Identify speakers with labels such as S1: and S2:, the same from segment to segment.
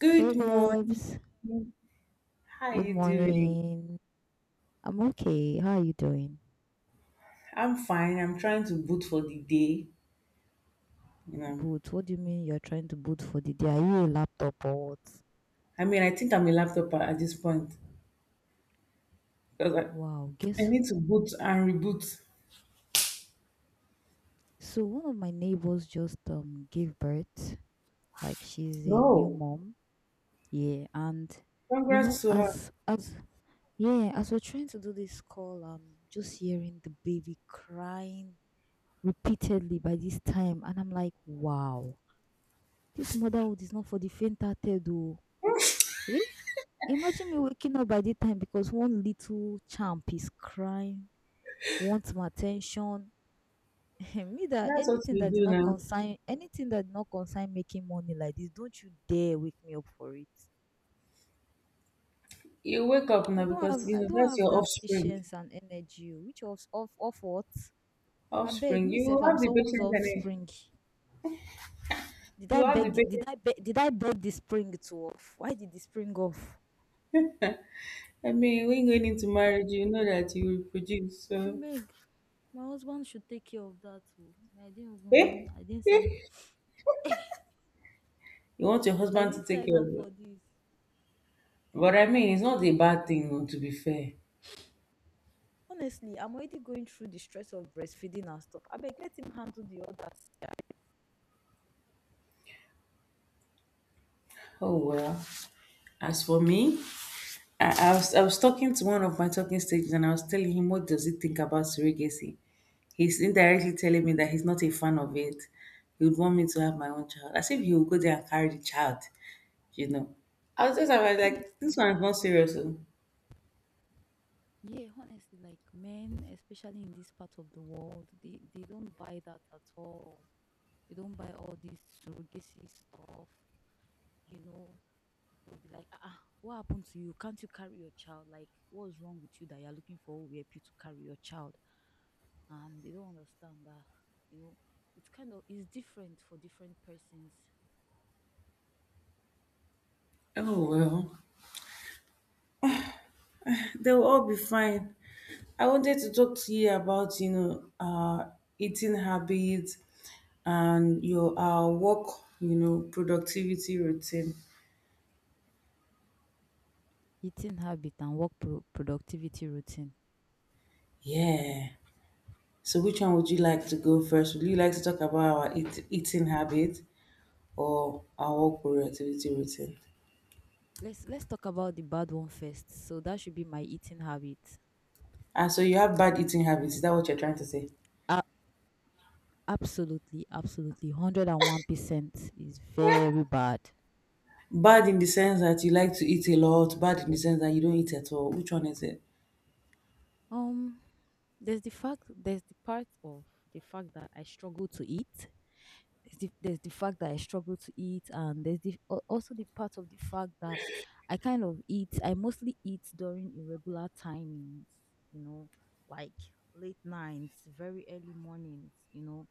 S1: Good
S2: Hey
S1: morning.
S2: babes,
S1: How are
S2: good
S1: you doing?
S2: morning. I'm okay. How are you doing?
S1: I'm fine. I'm trying to boot for the day. You know,
S2: Boot? What do you mean you're trying to boot for the day? Are you a laptop or what?
S1: I mean, I think I'm a laptop at this point because I,
S2: Wow,
S1: I
S2: guess
S1: need to boot and reboot.
S2: so. One of my neighbors just gave birth. Like she's a new
S1: No,
S2: mom. Yeah, and you
S1: congrats
S2: know,
S1: to her.
S2: as yeah, as we're trying to do this call, I'm just hearing the baby crying repeatedly by this time, and I'm like, wow, this motherhood is not for the faint-hearted. Eh? Imagine me waking up by the time because one little champ is crying, wants my attention. me that
S1: That's what
S2: anything
S1: you
S2: that did
S1: do
S2: not
S1: now.
S2: consign anything that did not consign making money like this, don't you dare wake me up for it.
S1: You wake up
S2: I
S1: now
S2: don't
S1: because
S2: have
S1: you
S2: I
S1: know
S2: don't
S1: that's
S2: have
S1: your
S2: that
S1: offspring.
S2: patience and energy. Oh, which of what? I beg
S1: Offspring.
S2: me if
S1: You
S2: I'm
S1: have the
S2: someone's
S1: patience and
S2: offspring. Did I
S1: you have the
S2: beg the-
S1: patience.
S2: did I beg the spring to off? Why did the spring off?
S1: I mean, when going into marriage, you know that you will produce. So,
S2: Meg, my husband should take care of that. Oh. Me, I didn't even
S1: eh? You want your
S2: I
S1: husband to
S2: didn't
S1: take
S2: sign
S1: care
S2: up
S1: of you.
S2: for this.
S1: But I mean, it's not
S2: Yes.
S1: a bad thing no, to be fair.
S2: Honestly, I'm already going through the stress of breastfeeding and stuff. I beg let him handle the others. Sha.
S1: Oh well. As for me, I was talking to one of my talking stages and I was telling him what does he think about surrogacy. He's indirectly telling me that he's not a fan of it. He would want me to have my own child. As if he would go there and carry the child, you know. I was like, this
S2: Honestly,
S1: one is not serious. Oh.
S2: yeah, honestly, like men, especially in this part of the world, they don't buy that at all. They don't buy all this surrogacy stuff, you know. They'll be like, ah, ah, what happened to you? Can't you carry your child? Like, what's wrong with you that you're looking for who will help you to carry your child? And they don't understand that, you know, it's kind of it's different for different persons.
S1: Oh well. They will all be fine. I wanted to talk to you about, eating habits and your work, productivity routine.
S2: Eating habit and work productivity routine.
S1: Yeah. So, which one would you like to go first? Would you like to talk about our eating habit or our work productivity routine?
S2: Let's talk about the bad one first. So that should be my eating habit.
S1: Ah, so you have bad eating habits. Is that what you're trying to say?
S2: A- Absolutely, absolutely, 101% is very bad.
S1: Bad in the sense that you like to eat a lot. Bad in the sense that you don't eat at all. Which one is it?
S2: Um, there's the fact there's the part of the fact that I struggle to eat. There's the fact that I struggle to eat, and there's the also the part of the fact that I kind of eat. I mostly eat during irregular timings, you know, like late nights, very early mornings, you know,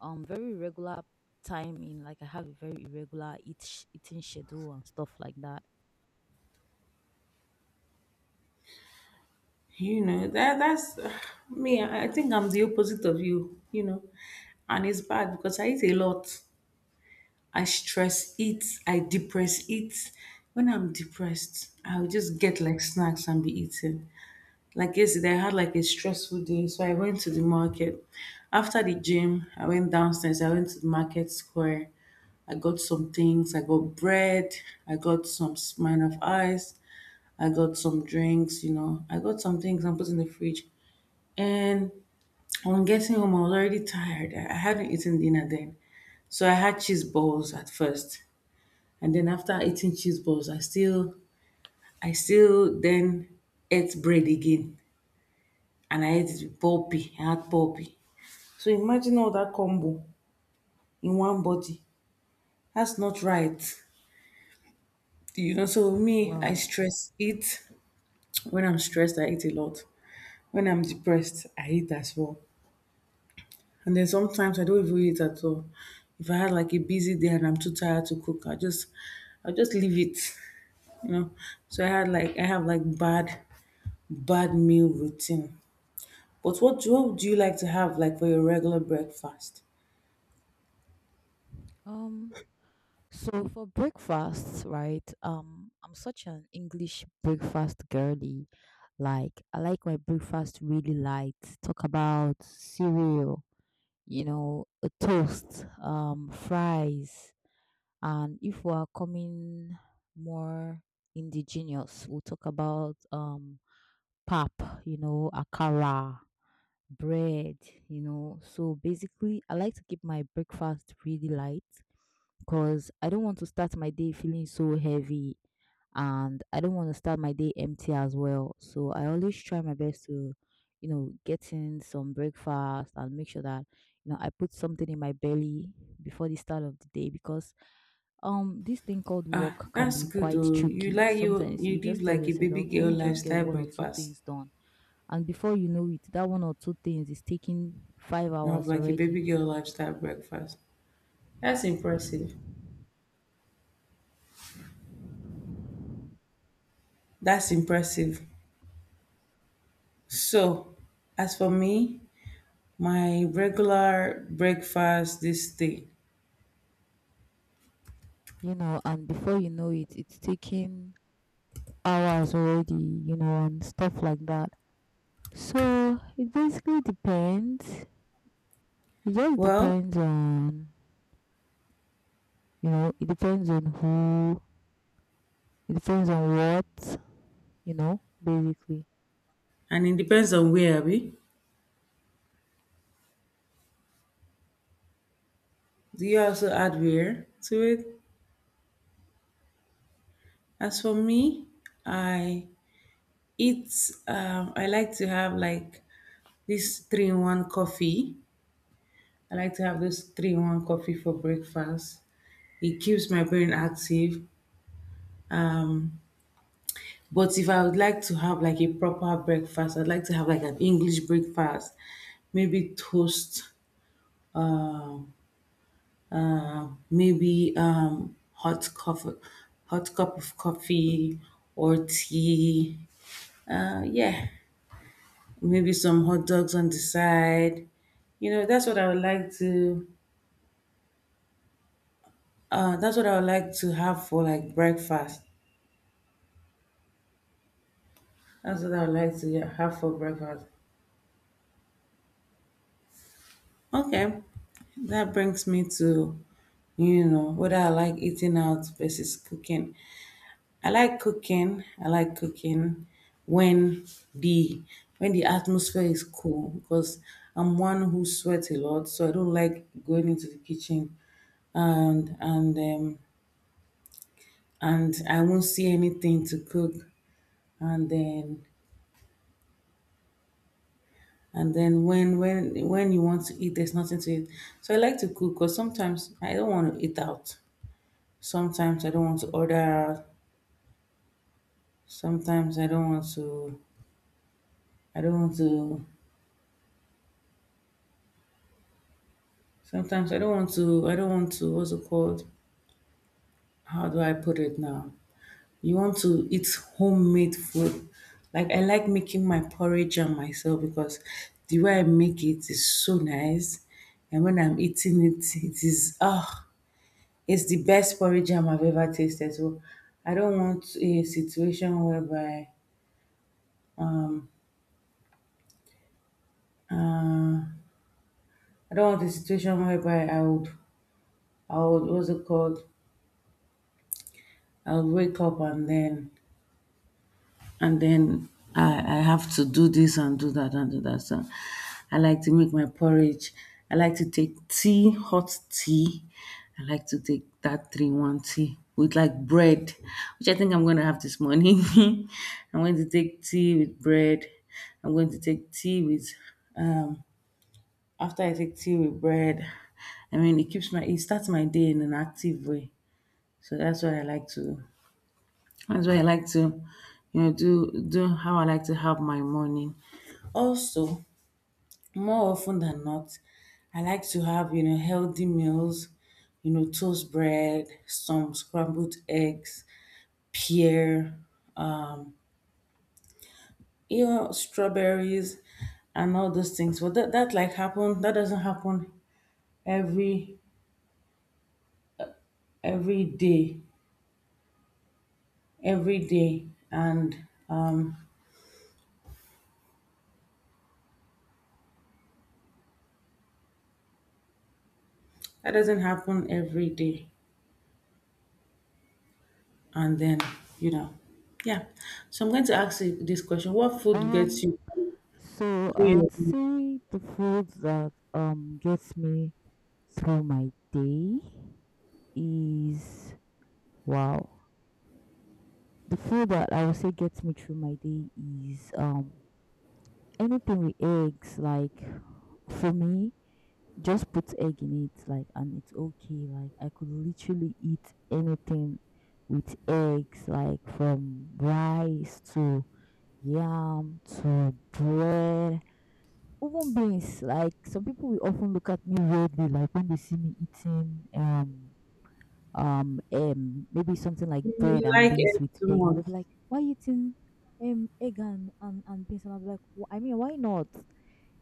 S2: um, very irregular timing. Like I have a very irregular eating schedule and stuff like that.
S1: You know, that's me. I think I'm the opposite of you, you know. And it's bad because I eat a lot. I stress eat, I depress eat. When I'm depressed, I'll just get like snacks and be eating. Like yesterday, I had like a stressful day, so I went to the market. After the gym, I went downstairs, I went to the market square. I got some things. I got bread. I got some mine of ice. I got some drinks. You know, I got some things. I put in the fridge. And on getting home, I was already tired. I hadn't eaten dinner then. So I had cheese balls at first. And then after eating cheese balls, I still then ate bread again. And I ate it with pulpy. I had pulpy. So imagine all that combo in one body. That's not right. You know, so me, I
S2: Wow.
S1: stress eat. When I'm stressed, I eat a lot. When I'm depressed, I eat as well. And then sometimes I don't even eat at all. If I had like a busy day and I'm too tired to cook, I just leave it, you know. So I have like bad meal routine. But what do you like to have like for your regular breakfast?
S2: Um, so for breakfast, right? I'm such an English breakfast girly. Like I like my breakfast really light. Talk about cereal, you know, a toast, fries, and if we are coming more indigenous, we'll talk about pap, you know, akara, bread, you know. So basically, I like to keep my breakfast really light because I don't want to start my day feeling so heavy and I don't want to start my day empty as well. So I always try my best to, you know, get in some breakfast and make sure that, you know, I put something in my belly before the start of the day because this thing called
S1: Ah,
S2: work can
S1: that's
S2: be
S1: good
S2: quite
S1: though. You
S2: tricky.
S1: like you
S2: Sometimes
S1: you
S2: you
S1: live
S2: just tell
S1: like a
S2: yourself that
S1: baby
S2: okay, let
S1: girl
S2: me just get
S1: lifestyle
S2: one or two
S1: breakfast.
S2: things done. And before you know it, that one or two things is taking five
S1: You have
S2: hours
S1: like a
S2: already.
S1: baby girl lifestyle breakfast. That's impressive. That's impressive. So, as for me, my regular breakfast this day.
S2: You know, and before you know it, it's taking hours already, you know, and stuff like that. So it basically depends. It just
S1: Well,
S2: depends on, you know, it depends on who, it depends on what, you know, basically.
S1: and it depends on where, Abby. Do you also add where to it? As for me, I eat, I like to have like this three in one coffee. I like to have this three in one coffee for breakfast. It keeps my brain active. But if I would like to have like a proper breakfast, I'd like to have like an English breakfast, maybe toast maybe hot coffee, hot cup of coffee or tea. Yeah, maybe some hot dogs on the side. You know, that's what I would like to. That's what I would like to have for like breakfast. That's what I would like to, yeah, have for breakfast. Okay, that brings me to, whether I like eating out versus cooking. I like cooking. I like cooking when the the atmosphere is cool because I'm one who sweats a lot, so I don't like going into the kitchen and and um and I won't see anything to cook and then and then when you want to eat there's nothing to eat. So I like to cook because sometimes I don't want to eat out. Sometimes I don't want to order out. Sometimes I don't want to Sometimes I don't want to, what's it called? How do I put it now? You want to eat homemade food. Like I like making my porridge and myself because the way I make it is so nice. And when I'm eating it, it's the best porridge jam I've ever tasted. So I don't want a situation uh, whereby I would, what's it called? I'll wake up and then I have to do this and do that and do that. So I like to make my porridge. I like to take tea, hot tea. I like to take that three one tea with like bread, which I think I'm gonna have this morning. I'm going to take tea with bread. I'm going to take tea with um after I take tea with bread. I mean, it starts my day in an active way. So that's why I like to, do how I like to have my morning. Also, more often than not, I like to have, healthy meals, toast bread, some scrambled eggs, pear, strawberries and all those things. But that doesn't happen every every day. Every day. And that doesn't happen every day. And then, you know yeah, so I'm going to ask you this question: what food gets you
S2: Um, so
S1: through
S2: I
S1: your
S2: would
S1: day?
S2: say the food that gets me through my day is wow. The food that I would say gets me through my day is anything with eggs, like for me, just put egg in it, like, and it's okay. Like, I could literally eat anything with eggs, like from rice to yam to bread, even beans. Like, some people will often look at me weirdly, like when they see me eating, maybe something like
S1: Do
S2: bread
S1: you
S2: and
S1: like
S2: beans
S1: it
S2: with
S1: too
S2: egg, and
S1: much?
S2: they'll be like, "Why you eating egg and and beans?" And I'll be like, "I mean, why not?"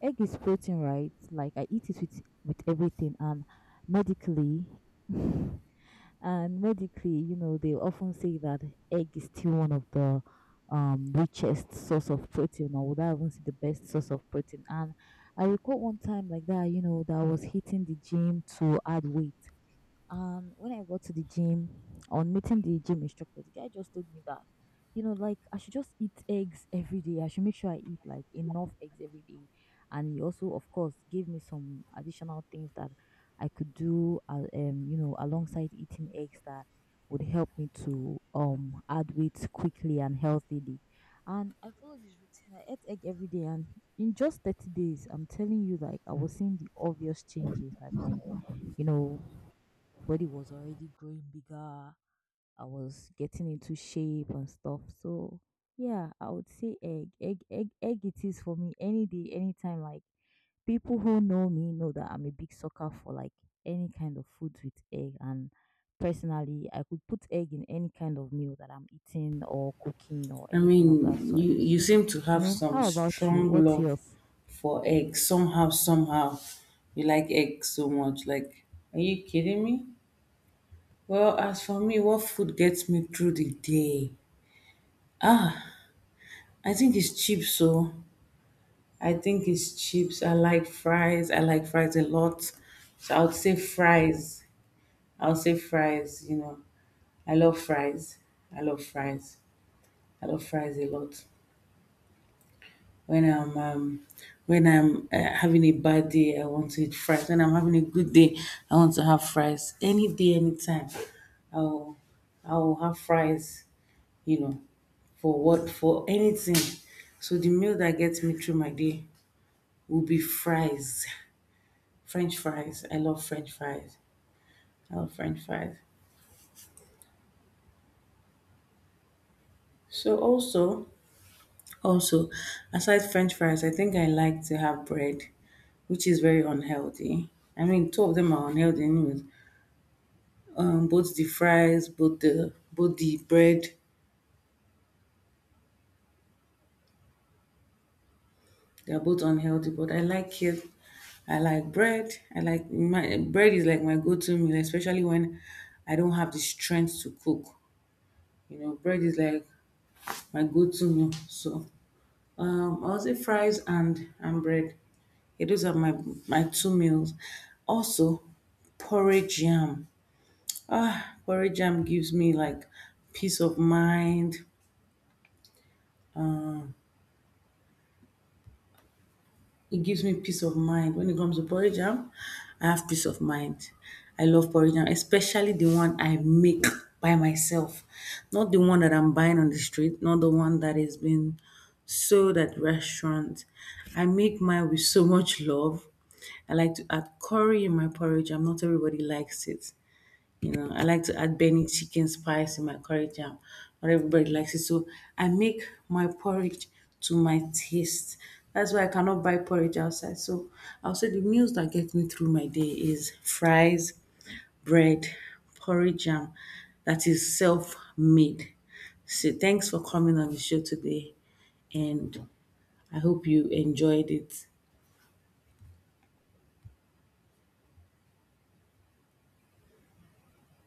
S2: Egg is protein, right? Like I eat it with everything, and medically, and medically, you know, they often say that egg is still one of the richest source of protein, or would I even say the best source of protein? And I recall one time like that, you know, that I was hitting the gym to add weight, and when I got to the gym, on meeting the gym instructor, the guy just told me that, you know, like I should just eat eggs every day. I should make sure I eat like enough eggs every day. And he also, of course, gave me some additional things that I could do, you know, alongside eating eggs that would help me to add weight quickly and healthily. And I followed this routine. I ate egg every day, and in just 30 days, I'm telling you, like I was seeing the obvious changes, like my you know body was already growing bigger. I was getting into shape and stuff. So yeah, I would say egg, egg, egg, egg. It is for me any day, anytime. Like people who know me know that I'm a big sucker for like any kind of food with egg. And personally, I could put egg in any kind of meal that I'm eating or cooking or
S1: I mean,
S2: anything of that sort.
S1: you
S2: So
S1: seem to
S2: you
S1: have
S2: know,
S1: some
S2: how about you?
S1: strong
S2: What's
S1: love
S2: yours?
S1: for eggs, somehow, somehow. You like eggs so much. Like, are you kidding me? Well, as for me, what food gets me through the day? I think it's chips. So I think it's chips. I like fries. I like fries a lot. So I would say fries. I'll say fries. I love fries. I love fries. I love fries a lot. When I'm um, when I'm having a bad day, I want to eat fries. When I'm having a good day, I want to have fries. Any day, anytime, I'll I'll have fries. You know, for anything. So the meal that gets me through my day will be fries, French fries. I love French fries. I love French fries. So also Also, aside French fries, I think I like to have bread, which is very unhealthy. I mean, two of them are unhealthy anyways. Both the fries, both the bread, they are both unhealthy. But I like it. I like bread. I like my bread is like my go-to meal, especially when I don't have the strength to cook. You know, bread is like my go-to meal. So I'll say fries and bread. Yeah, those are my two meals. Also, porridge jam. Ah, porridge jam gives me like peace of mind. It gives me peace of mind when it comes to porridge jam. I have peace of mind. I love porridge jam, especially the one I make by myself, not the one that I'm buying on the street, not the one that is being sold at restaurant. I make mine with so much love. I like to add curry in my porridge. I'm not everybody likes it. You know, I like to add Benny chicken spice in my curry jam. Not everybody likes it. So I make my porridge to my taste. That's why I cannot buy porridge outside. So I'll say the meals that get me through my day is fries, bread, porridge jam that is self made. So thanks for coming on the show today and I hope you enjoyed it.